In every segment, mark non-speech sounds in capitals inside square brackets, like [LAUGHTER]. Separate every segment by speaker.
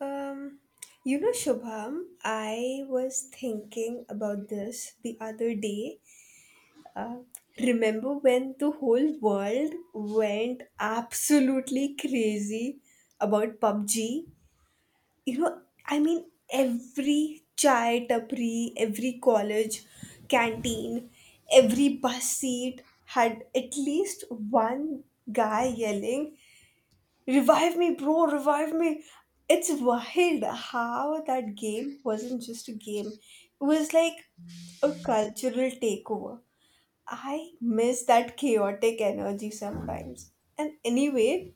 Speaker 1: Um, you know, Shubham, I was thinking about this the other day. Uh, Remember when the whole world went absolutely crazy about PUBG? You know, I mean, every chai tapri, every college canteen, every bus seat had at least one guy yelling, revive me, bro, revive me. It's wild how that game wasn't just a game, it was like a cultural takeover. I miss that chaotic energy sometimes. And anyway,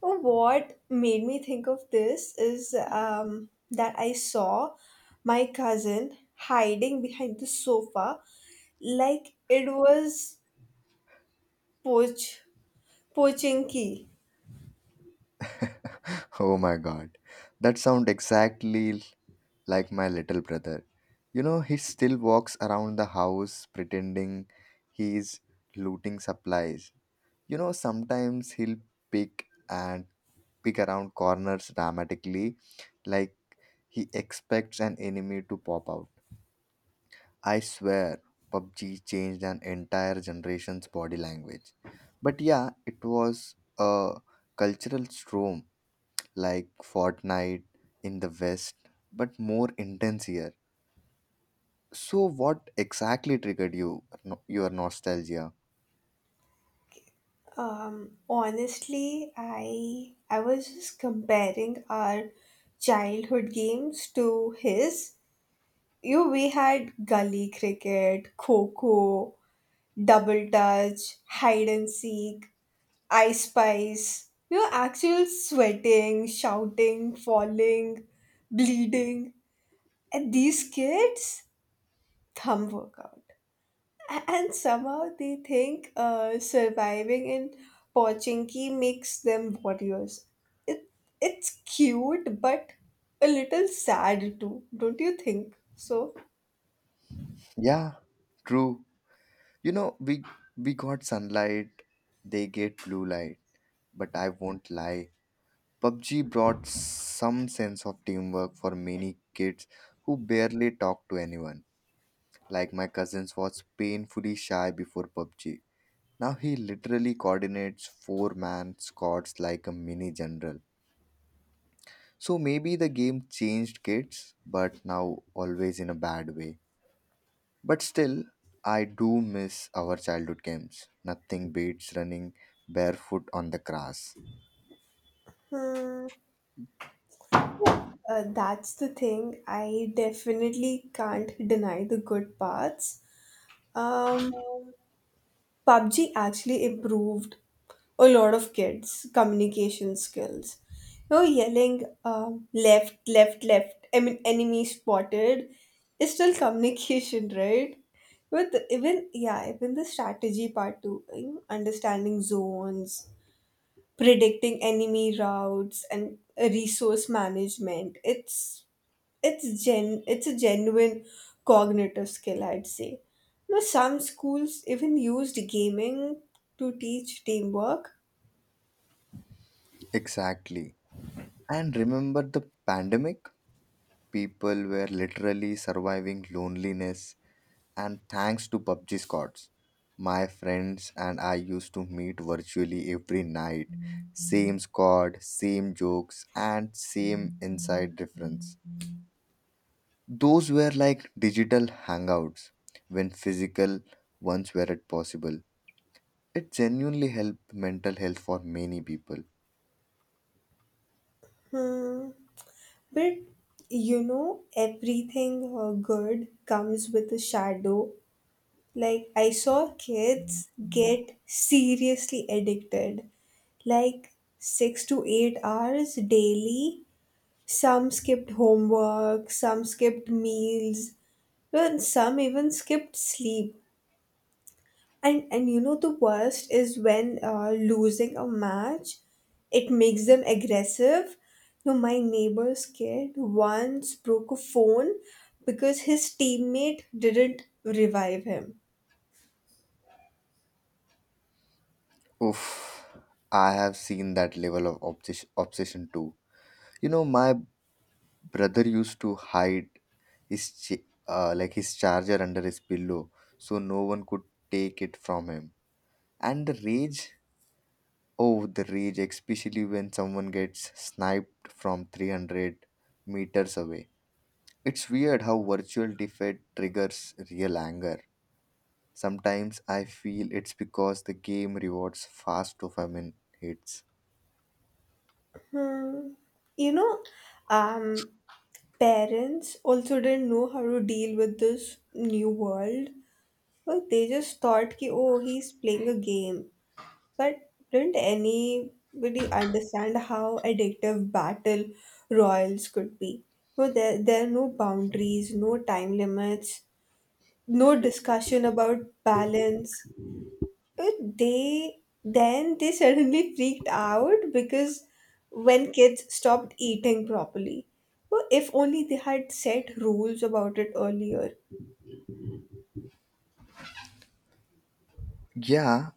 Speaker 1: what made me think of this is that I saw my cousin hiding behind the sofa like it was poach, poaching key.
Speaker 2: Oh my god, that sounds exactly like my little brother. You know, he still walks around the house pretending he's looting supplies. You know, sometimes he'll pick and pick around corners dramatically, like he expects an enemy to pop out. I swear, PUBG changed an entire generation's body language. But yeah, it was a cultural storm like Fortnite in the West, but more intense here. So, what exactly triggered you no- your nostalgia?
Speaker 1: Honestly, I was just comparing our childhood games to his. You we had gully cricket, coco, double touch, hide and seek, I spice. You know, actual sweating, shouting, falling, bleeding. And these kids, thumb workout. And somehow they think surviving in Pochinki makes them warriors. It, it's cute, but a little sad too, don't you think?
Speaker 2: Yeah, true. You know, we got sunlight, they get blue light, but I won't lie. PUBG brought some sense of teamwork for many kids who barely talk to anyone. Like my cousins was painfully shy before PUBG. Now he literally coordinates four-man squads like a mini general. So maybe the game changed kids, but now always in a bad way. But still, I do miss our childhood games. Nothing beats running barefoot on the grass.
Speaker 1: Hmm, well, that's the thing. I definitely can't deny the good parts. Um, PUBG actually improved a lot of kids' communication skills. You know, yelling left, left, left, I mean, enemy spotted is still communication, [LAUGHS] right? But even, yeah, even the strategy part too, you know, understanding zones, predicting enemy routes, and resource management. It's a genuine cognitive skill, I'd say. You know, some schools even used gaming to teach teamwork.
Speaker 2: Exactly. And remember the pandemic? People were literally surviving loneliness, and thanks to PUBG squads. My friends and I used to meet virtually every night. Same squad, same jokes, and same inside difference. Those were like digital hangouts when physical ones weren't possible. It genuinely helped mental health for many people.
Speaker 1: Hmm, but you know everything good comes with a shadow. Like I saw kids get seriously addicted, like six to eight hours daily. Some skipped homework, some skipped meals, well, some even skipped sleep. And you know, the worst is when losing a match, it makes them aggressive. No, my neighbor's kid once broke a phone because his teammate didn't revive him.
Speaker 2: Oof, I have seen that level of obsession too. You know, my brother used to hide like his charger under his pillow so no one could take it from him. And the rage, oh, the rage, especially when someone gets sniped from 300 meters away. It's weird how virtual defeat triggers real anger. Sometimes I feel it's because the game rewards fast dopamine hits.
Speaker 1: Hmm. You know, um, Parents also didn't know how to deal with this new world. Well, they just thought ki, oh, he's playing a game. But didn't anybody understand how addictive battle royals could be? Well, there are no boundaries, no time limits, no discussion about balance. Uh, They then they [LAUGHS] suddenly freaked out because when kids stopped eating properly. Well, if only they had set rules about it earlier.
Speaker 2: Yeah,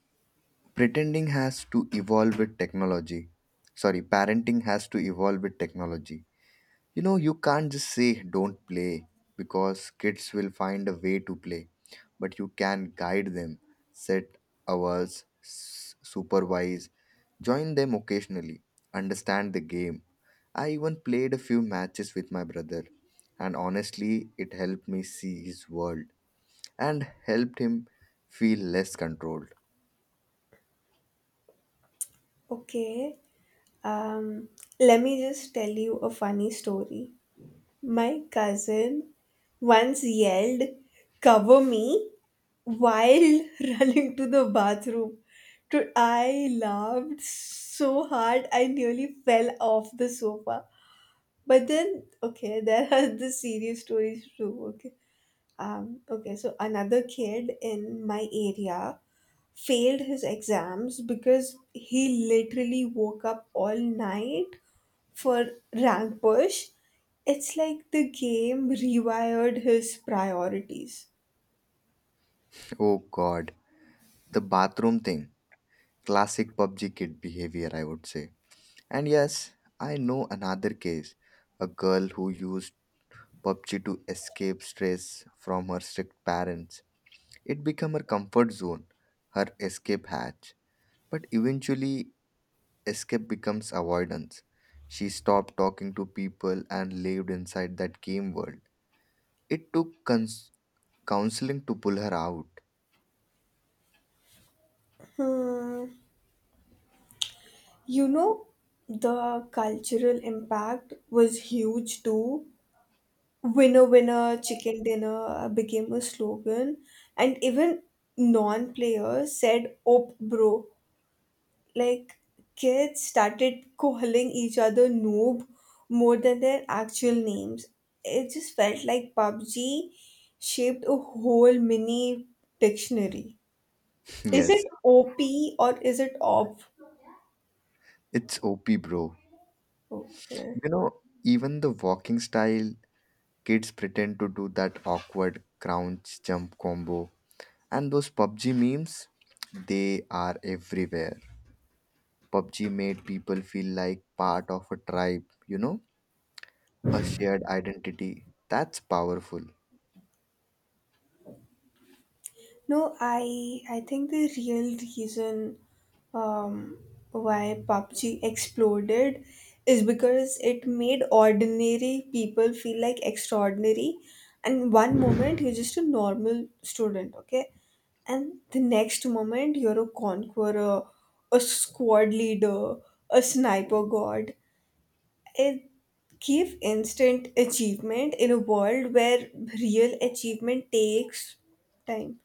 Speaker 2: pretending has to evolve with technology. Sorry, parenting has to evolve with technology. You know, you can't just say don't play because kids will find a way to play, but you can guide them, set hours, supervise, join them occasionally, understand the game. I even played a few matches with my brother, and honestly, it helped me see his world and helped him feel less controlled.
Speaker 1: Okay, um, let me just tell you a funny story. My cousin once yelled, cover me, while [LAUGHS] running to the bathroom. I laughed so hard I nearly fell off the sofa. But then, okay, there are [LAUGHS] the serious stories too, okay. Okay, so another kid in my area failed his exams because he literally woke up all night for rank push. It's like the game rewired his priorities.
Speaker 2: Oh god, the bathroom thing. Classic PUBG kid behavior, I would say. And yes, I know another case a girl who used PUBG to escape stress from her strict parents. It became her comfort zone, her escape hatch. But eventually, escape becomes avoidance. She stopped talking to people and lived inside that game world. It took counseling to pull her out.
Speaker 1: Hmm. You know, the cultural impact was huge too. Winner, winner, chicken dinner became a slogan, and even non players said, op, bro. Like, kids started calling each other noob more than their actual names. It just felt like PUBG shaped a whole mini dictionary. Is
Speaker 2: Yes,
Speaker 1: it OP or is it OP?
Speaker 2: it's OP, bro.
Speaker 1: Okay.
Speaker 2: You know, even the walking style, kids pretend to do that awkward crouch jump combo. And those PUBG memes, they are everywhere. PUBG made people feel like part of a tribe, you know, a shared identity. That's powerful.
Speaker 1: No, I think the real reason um, why PUBG exploded is because it made ordinary people feel like extraordinary. And one moment you're just a normal student, okay? And the next moment you're a conqueror, a squad leader, a sniper god. It gave instant achievement in a world where real achievement takes time,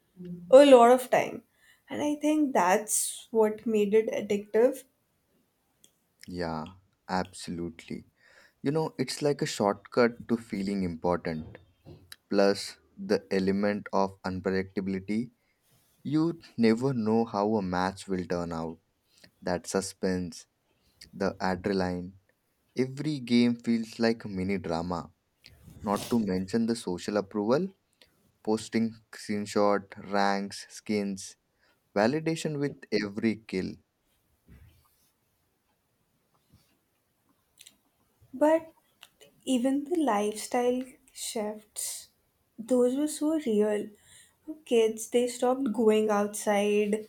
Speaker 1: a lot of time. And I think that's what made it addictive.
Speaker 2: Yeah, absolutely. You know, it's like a shortcut to feeling important. Plus, the element of unpredictability. You never know how a match will turn out. That suspense, the adrenaline. Every game feels like a mini drama. Not to mention the social approval posting screenshot, ranks, skins, validation with every kill.
Speaker 1: But even the lifestyle shifts, those were so real. Kids, they stopped going outside,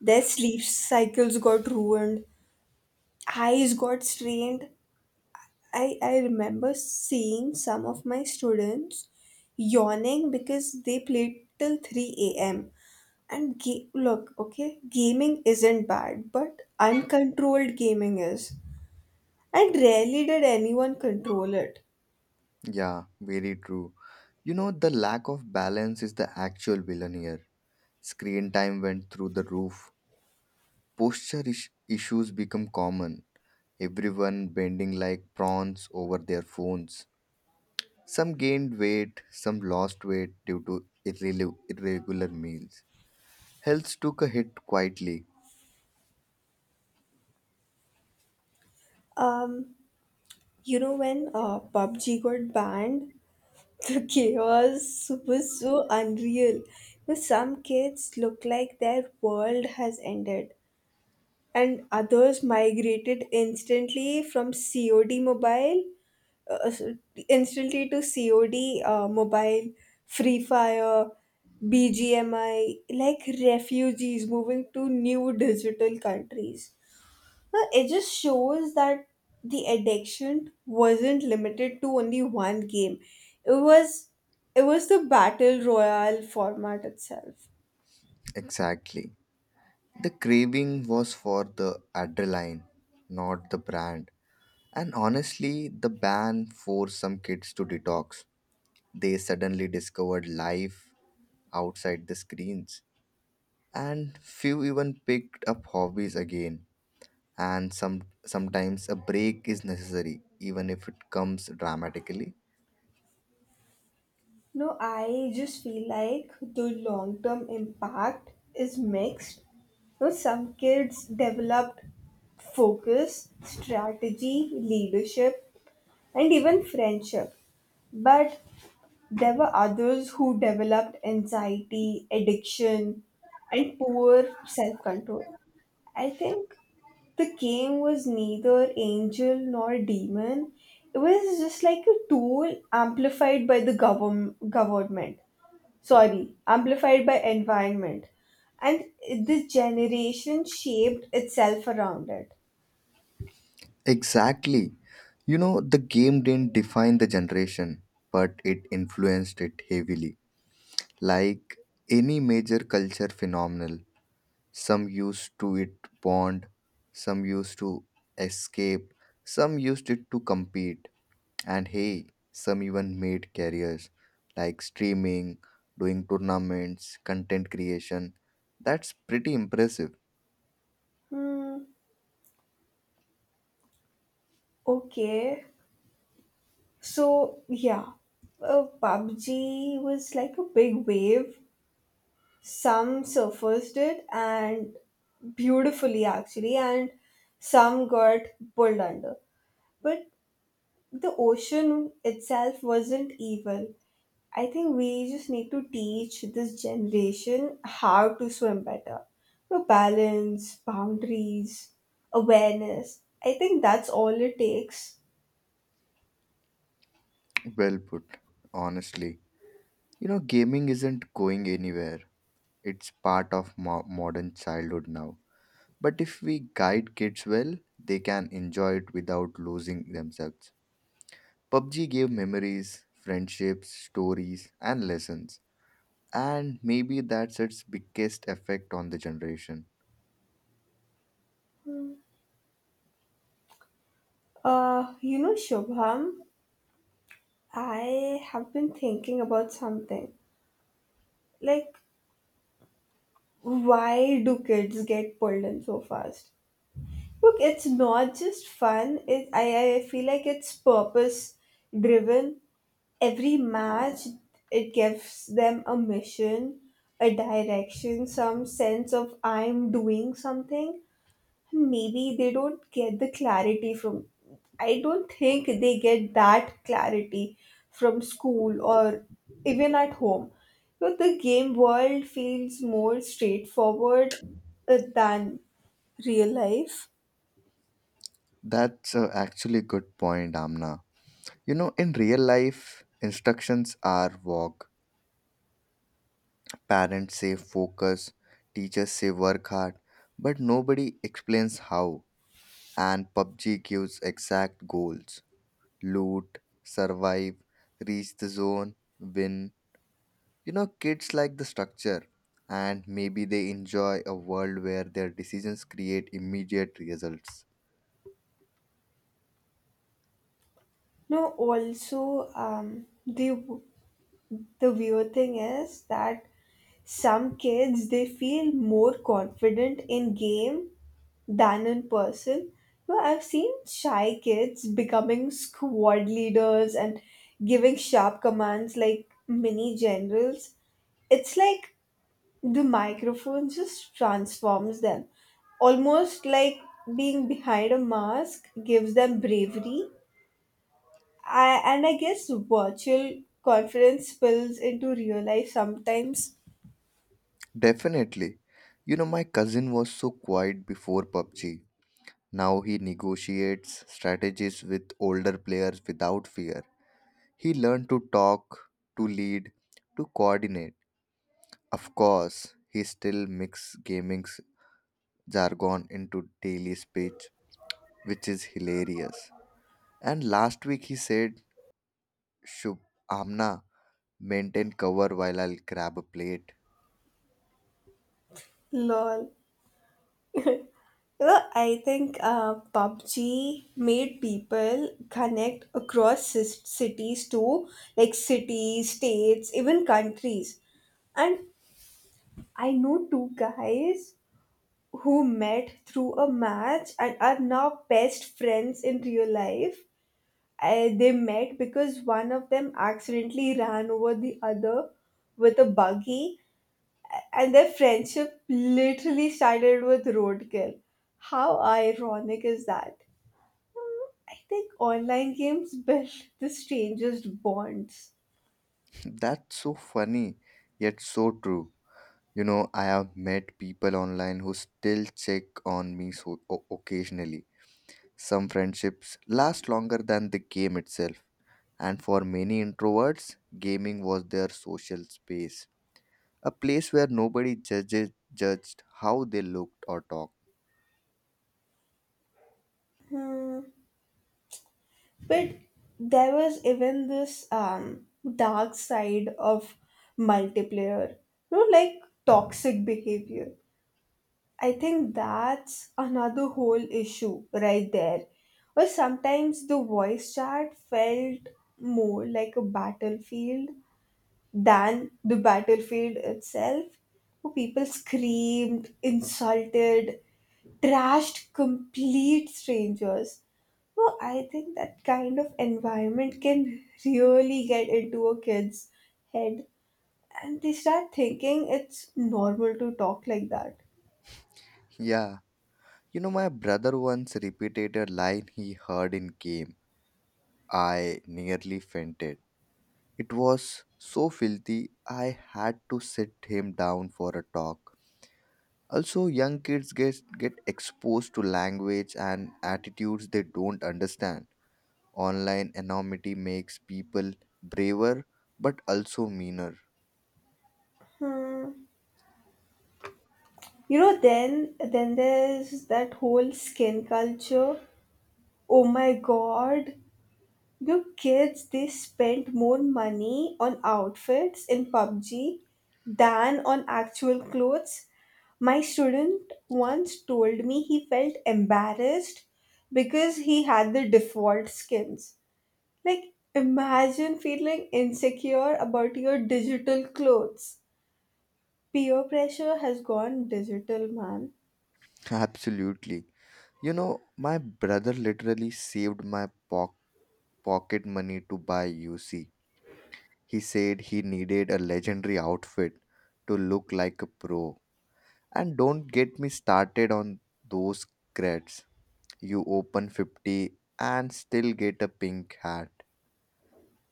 Speaker 1: their sleep cycles got ruined, eyes got strained. I remember seeing some of my students yawning because they played till 3 a.m. And look, okay, gaming isn't bad, but uncontrolled gaming is. And rarely did anyone control it.
Speaker 2: Yeah, very true. You know, the lack of balance is the actual villain here. Screen time went through the roof. Posture issues become common. Everyone bending like prawns over their phones. Some gained weight, some lost weight due to irregular meals. Health took a hit quietly.
Speaker 1: Um, you know, when PUBG got banned, [LAUGHS] the chaos was so unreal. Now, some kids look like their world has ended, and others migrated instantly from COD mobile uh, instantly to COD, mobile, Free Fire, BGMI, like refugees moving to new digital countries. Now, it just shows that the addiction wasn't limited to only one game. It was it was the battle royale format itself.
Speaker 2: Exactly. The craving was for the adrenaline, not the brand. And honestly, the ban forced some kids to detox. They suddenly discovered life outside the screens. And few even picked up hobbies again. And some sometimes a break is necessary, even if it comes dramatically.
Speaker 1: No, I just feel like the long term impact is mixed. No, some kids developed focus, strategy, leadership, and even friendship. But there were others who developed anxiety, addiction, and poor self control. I think the game was neither angel nor demon. It was just like a tool amplified by the govern- government sorry, amplified by environment. And this generation shaped itself around it.
Speaker 2: Exactly. You know, the game didn't define the generation, but it influenced it heavily. Like any major culture phenomenon, some used to it bond, some used to escape, some used it to compete, and hey, some even made careers like streaming, doing tournaments, content creation. That's pretty impressive.
Speaker 1: Hmm, okay. So, yeah, PUBG was like a big wave. Some surfaced it and beautifully, actually, and some got pulled under. But the ocean itself wasn't evil, I think we just need to teach this generation how to swim better. You know, balance, boundaries, awareness. I think that's all it takes.
Speaker 2: Well put, honestly. You know, gaming isn't going anywhere. It's part of modern childhood now. But if we guide kids well, they can enjoy it without losing themselves. PUBG gave memories, friendships, stories, and lessons. And maybe that's its biggest effect on the generation.
Speaker 1: You know, Shubham, I have been thinking about something. Like, why do kids get pulled in so fast? Look, it's not just fun. I feel like it's purpose driven. Every match, it gives them a mission, a direction, some sense of I'm doing something. Maybe they don't get the clarity from I don't think they get that clarity from school or even at home. But the game world feels more straightforward than real life.
Speaker 2: That's actually a good point, Amna. You know, in real life, instructions are walk, parents say focus, teachers say work hard, but nobody explains how. And PUBG gives exact goals loot, survive, reach the zone, win. You know, kids like the structure, and maybe they enjoy a world where their decisions create immediate results.
Speaker 1: No, also the weird thing is that some kids, they feel more confident in game than in person. Well, I've seen shy kids becoming squad leaders and giving sharp commands like mini generals. It's like the microphone just transforms them. Almost like being behind a mask gives them bravery. And I guess virtual confidence spills into real life sometimes.
Speaker 2: Definitely. You know, my cousin was so quiet before PUBG. Now he negotiates strategies with older players without fear. He learned to talk, to lead, to coordinate. Of course, he still mix gaming's jargon into daily speech, which is hilarious. And last week he said, Shub, Amna, maintain cover while I'll grab a plate.
Speaker 1: Lol. Well, I think PUBG made people connect across cities too, like cities, states, even countries. And I know two guys who met through a match and are now best friends in real life. They met because one of them accidentally ran over the other with a buggy, and their friendship literally started with roadkill. How ironic is that? I think online games [LAUGHS] built the strangest bonds.
Speaker 2: [LAUGHS] That's so funny, yet so true. You know, I have met people online who still check on me so occasionally. Some friendships last longer than the game itself. And for many introverts, gaming was their social space, a place where nobody judged how they looked or talked.
Speaker 1: Hmm. But there was even this dark side of multiplayer, you know, like toxic behavior. I think that's another whole issue right there. Or sometimes the voice chat felt more like a battlefield than the battlefield itself. People screamed, insulted, trashed complete strangers. Well, I think that kind of environment can really get into a kid's head, and they start thinking it's normal to talk like that.
Speaker 2: Yeah. You know, my brother once repeated a line he heard in game. I nearly fainted. It was so filthy, I had to sit him down for a talk. Also, young kids get exposed to language and attitudes they don't understand. Online anonymity makes people braver but also meaner.
Speaker 1: Hmm. You know, then there's that whole skin culture. Oh my God, the kids, they spend more money on outfits in PUBG than on actual clothes. My student once told me he felt embarrassed because he had the default skins. Like, imagine feeling insecure about your digital clothes. Peer pressure has gone digital, man.
Speaker 2: [LAUGHS] Absolutely. You know, my brother literally saved my pocket money to buy UC. He said he needed a legendary outfit to look like a pro. And don't get me started on those creds. You open 50 and still get a pink hat.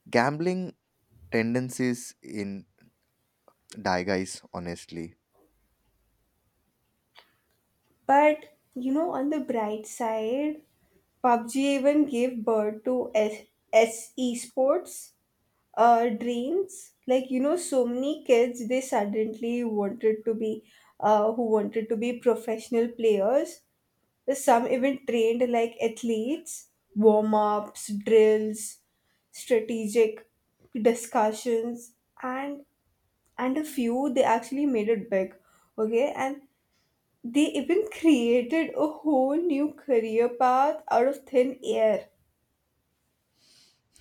Speaker 2: Gambling tendencies in guys, honestly.
Speaker 1: But you know, on the bright side, PUBG even gave birth to SE Sports dreams. Like, you know, so many kids, they suddenly wanted to be who wanted to be professional players. Some even trained like athletes: warm-ups, drills, strategic discussions. And and a few, they actually made it big, okay, and they even created a whole new career path out of thin air.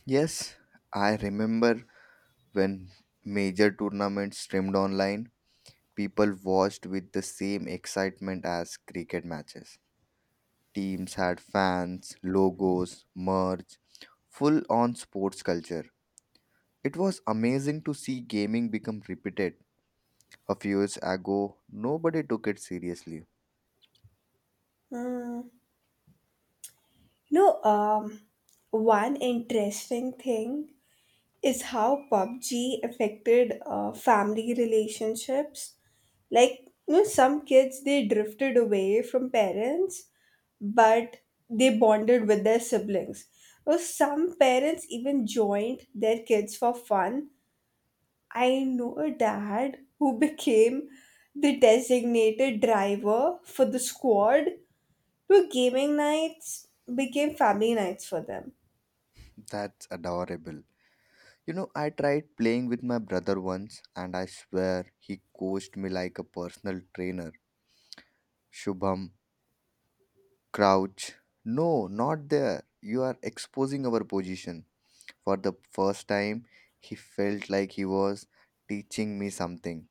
Speaker 2: Yes, I remember when major tournaments streamed online, people watched with the same excitement as cricket matches. Teams had fans, logos, merch, full on sports culture. It was amazing to see gaming become repeated. A few years ago, nobody took it seriously.
Speaker 1: Hmm. No. One interesting thing is how PUBG affected family relationships. Like, you know, some kids, they drifted away from parents, but they bonded with their siblings. Or some parents even joined their kids for fun. I know a dad who became the designated driver for the squad, where gaming nights became family nights for them.
Speaker 2: That's adorable. You know, I tried playing with my brother once, and I swear he coached me like a personal trainer. Shubham, crouch. No, not there. You are exposing our position. For the first time, he felt like he was teaching me something.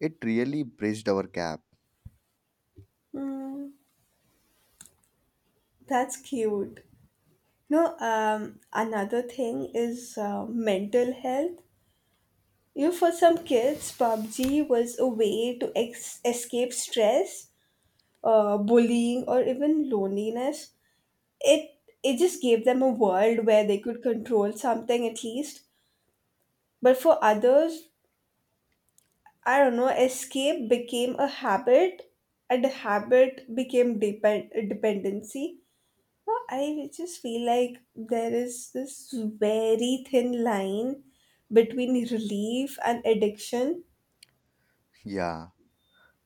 Speaker 2: It really bridged our gap.
Speaker 1: Hmm, that's cute. No, another thing is mental health. You know, for some kids, PUBG was a way to escape stress, bullying, or even loneliness. It it just gave them a world where they could control something at least. But for others, I don't know, escape became a habit, and the habit became a dependency. No, I just feel like there is this very thin line between relief and addiction.
Speaker 2: Yeah.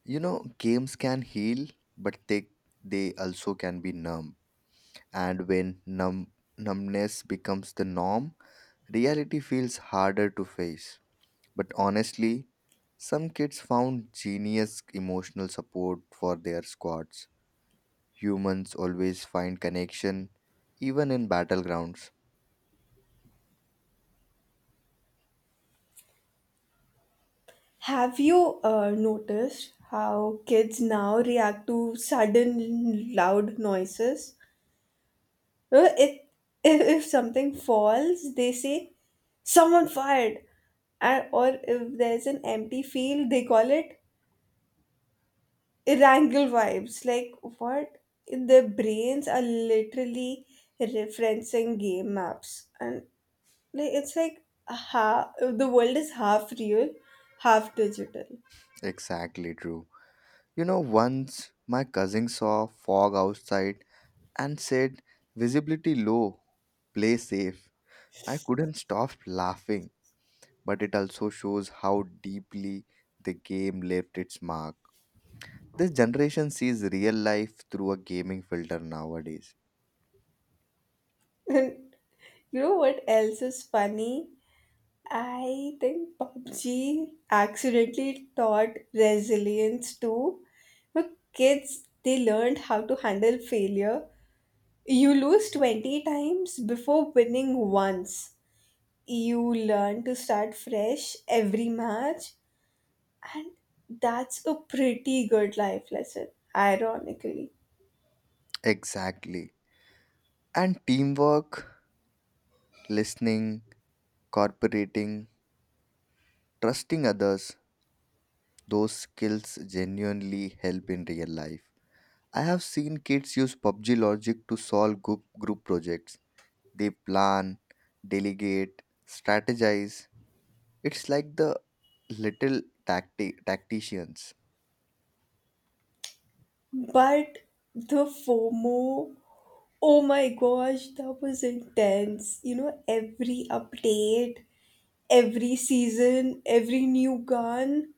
Speaker 2: You know, games can heal, but they also can be numb. And when numbness becomes the norm, reality feels harder to face. But honestly, some kids found genius emotional support for their squads. Humans always find connection, even in battlegrounds.
Speaker 1: Have you noticed how kids now react to sudden loud noises? Uh, If, if something falls, they say, someone fired! And, or if there's an empty field, they call it, wrangle vibes. Like, what? Their brains are literally referencing game maps. And like, it's like the world is half real, half digital. [LAUGHS]
Speaker 2: Exactly true. You know, once my cousin saw fog outside and said, Visibility low, play safe. I couldn't stop laughing, but it also shows how deeply the game left its mark. This generation sees real life through a gaming filter nowadays.
Speaker 1: And you know what else is funny? I think PUBG accidentally taught resilience too. But kids, they learned how to handle failure. You lose 20 times before winning once. You learn to start fresh every match, and that's a pretty good life lesson, ironically.
Speaker 2: Exactly. And teamwork, listening, cooperating, trusting others, those skills genuinely help in real life. I have seen kids use PUBG logic to solve group projects. They plan, delegate, strategize. It's like the little tacticians.
Speaker 1: But the fomo, oh my gosh, that was intense. You know, every update, every season, every new gun,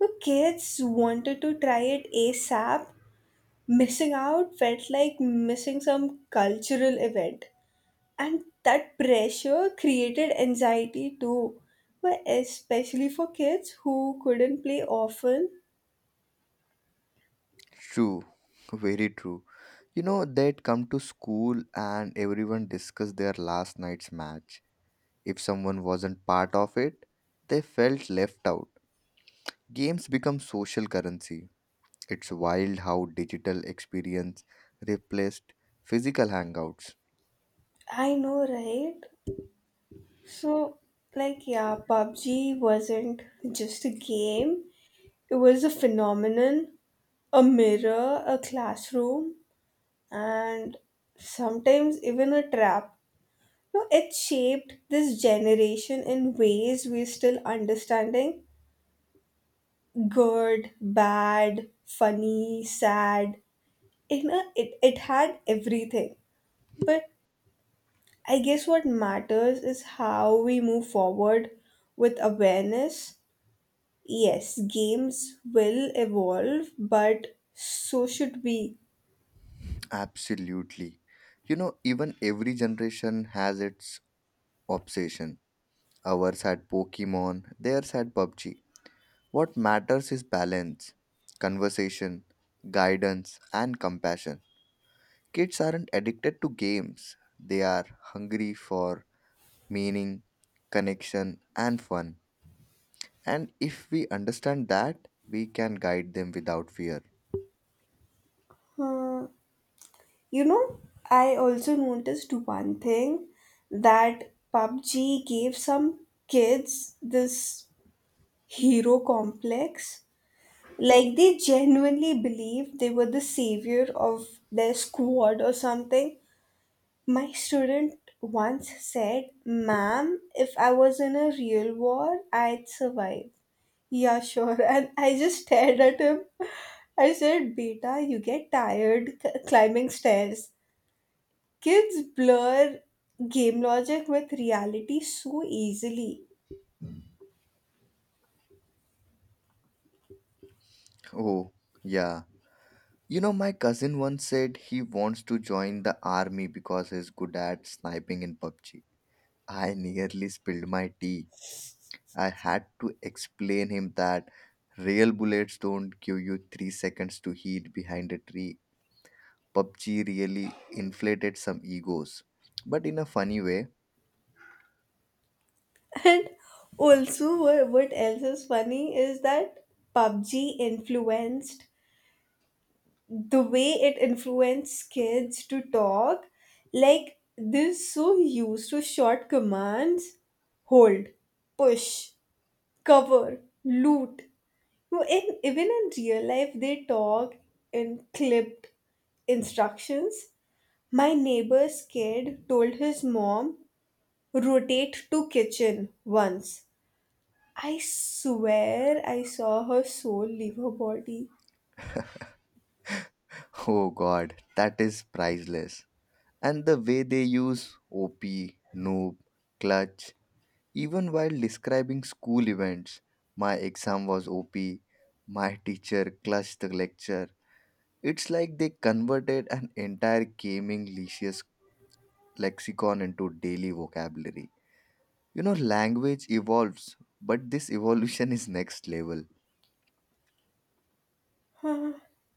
Speaker 1: the kids wanted to try it asap. Missing out felt like missing some cultural event, and that pressure created anxiety too, but especially for kids who couldn't play often.
Speaker 2: True, very true. You know, they'd come to school and everyone discussed their last night's match. If someone wasn't part of it, they felt left out. Games become social currency. It's wild how digital experience replaced physical hangouts.
Speaker 1: I know, right? So, like, yeah, PUBG wasn't just a game, it was a phenomenon, a mirror, a classroom, and sometimes even a trap. No, it shaped this generation in ways we're still understanding. Good, bad, funny, sad, you know, it had everything. But I guess what matters is how we move forward with awareness. Yes, games will evolve, but so should we.
Speaker 2: Absolutely. You know, even every generation has its obsession. Ours had Pokemon, theirs had PUBG. What matters is balance, conversation, guidance, and compassion. Kids aren't addicted to games, they are hungry for meaning, connection, and fun. And if we understand that, we can guide them without fear.
Speaker 1: uh, you know, I also noticed one thing, that PUBG gave some kids this hero complex, like they genuinely believed they were the savior of their squad or something. My student once said, ma'am, if I was in a real war, I'd survive. Yeah, sure. [LAUGHS] And I just stared at him. I said, beta, you get tired [LAUGHS] climbing stairs. Kids blur game logic with reality so easily.
Speaker 2: Oh, yeah. You know, my cousin once said he wants to join the army because he's good at sniping in PUBG. I nearly spilled my tea. I had to explain him that real bullets don't give you 3 seconds to hide behind a tree. PUBG really inflated some egos, but in a funny way.
Speaker 1: [LAUGHS] And also, what else is funny is that PUBG influenced the way it influences kids to talk, like, they're so used to short commands: hold, push, cover, loot. No, in even in real life they talk in clipped instructions. My neighbor's kid told his mom, rotate to kitchen, once. I swear I saw her soul leave her body.
Speaker 2: [LAUGHS] Oh god, that is priceless. And the way they use OP, noob, clutch, even while describing school events. My exam was OP, my teacher clutched the lecture. It's like they converted an entire gaming leisure lexicon into daily vocabulary. You know, language evolves, but this evolution is next level.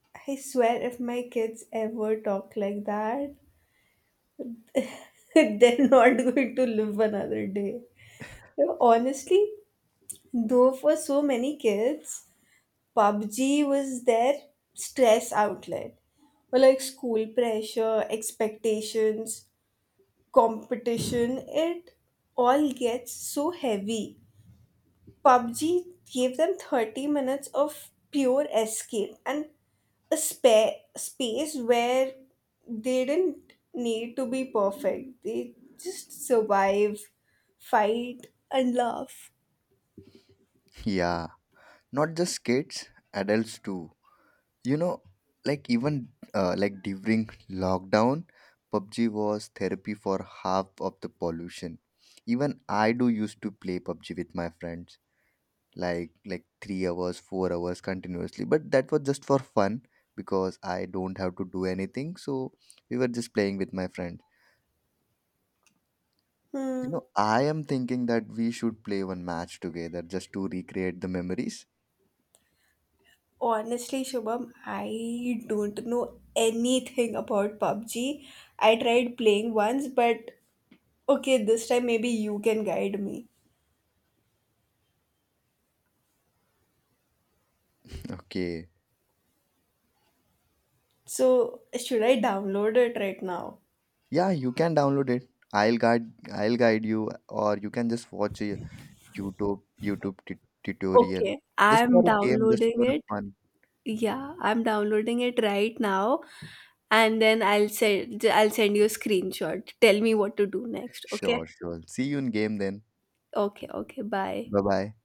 Speaker 1: [SIGHS] I swear if my kids ever talk like that, [LAUGHS] they're not going to live another day. You Honestly, though, for so many kids, PUBG was their stress outlet. Or like school pressure, expectations, competition, it all gets so heavy. PUBG gave them 30 minutes of pure escape and a space where they didn't need to be perfect. They just survive, fight, and laugh.
Speaker 2: Yeah, not just kids, adults too. You know, like even like during lockdown, PUBG was therapy for half of the pollution. Even I do used to play PUBG with my friends, like 3 hours, 4 hours continuously. But that was just for fun because I don't have to do anything. So we were just playing with my friends. You
Speaker 1: Hmm.
Speaker 2: know, I am thinking that we should play one match together just to recreate the memories.
Speaker 1: Honestly, Shubham, I don't know anything about PUBG. I tried playing once, but okay, this time maybe you can guide me.
Speaker 2: Okay.
Speaker 1: So, should I download it right now?
Speaker 2: Yeah, you can download it. I'll guide you or you can just watch a YouTube tutorial.
Speaker 1: Okay,
Speaker 2: Just
Speaker 1: I'm
Speaker 2: for a game, just
Speaker 1: downloading
Speaker 2: for
Speaker 1: it.
Speaker 2: fun.
Speaker 1: Yeah, I'm downloading it right now, and then I'll send you a screenshot. Tell me what to do next. Okay?
Speaker 2: Sure, sure. See you in game then.
Speaker 1: Okay, okay. Bye.
Speaker 2: Bye-bye.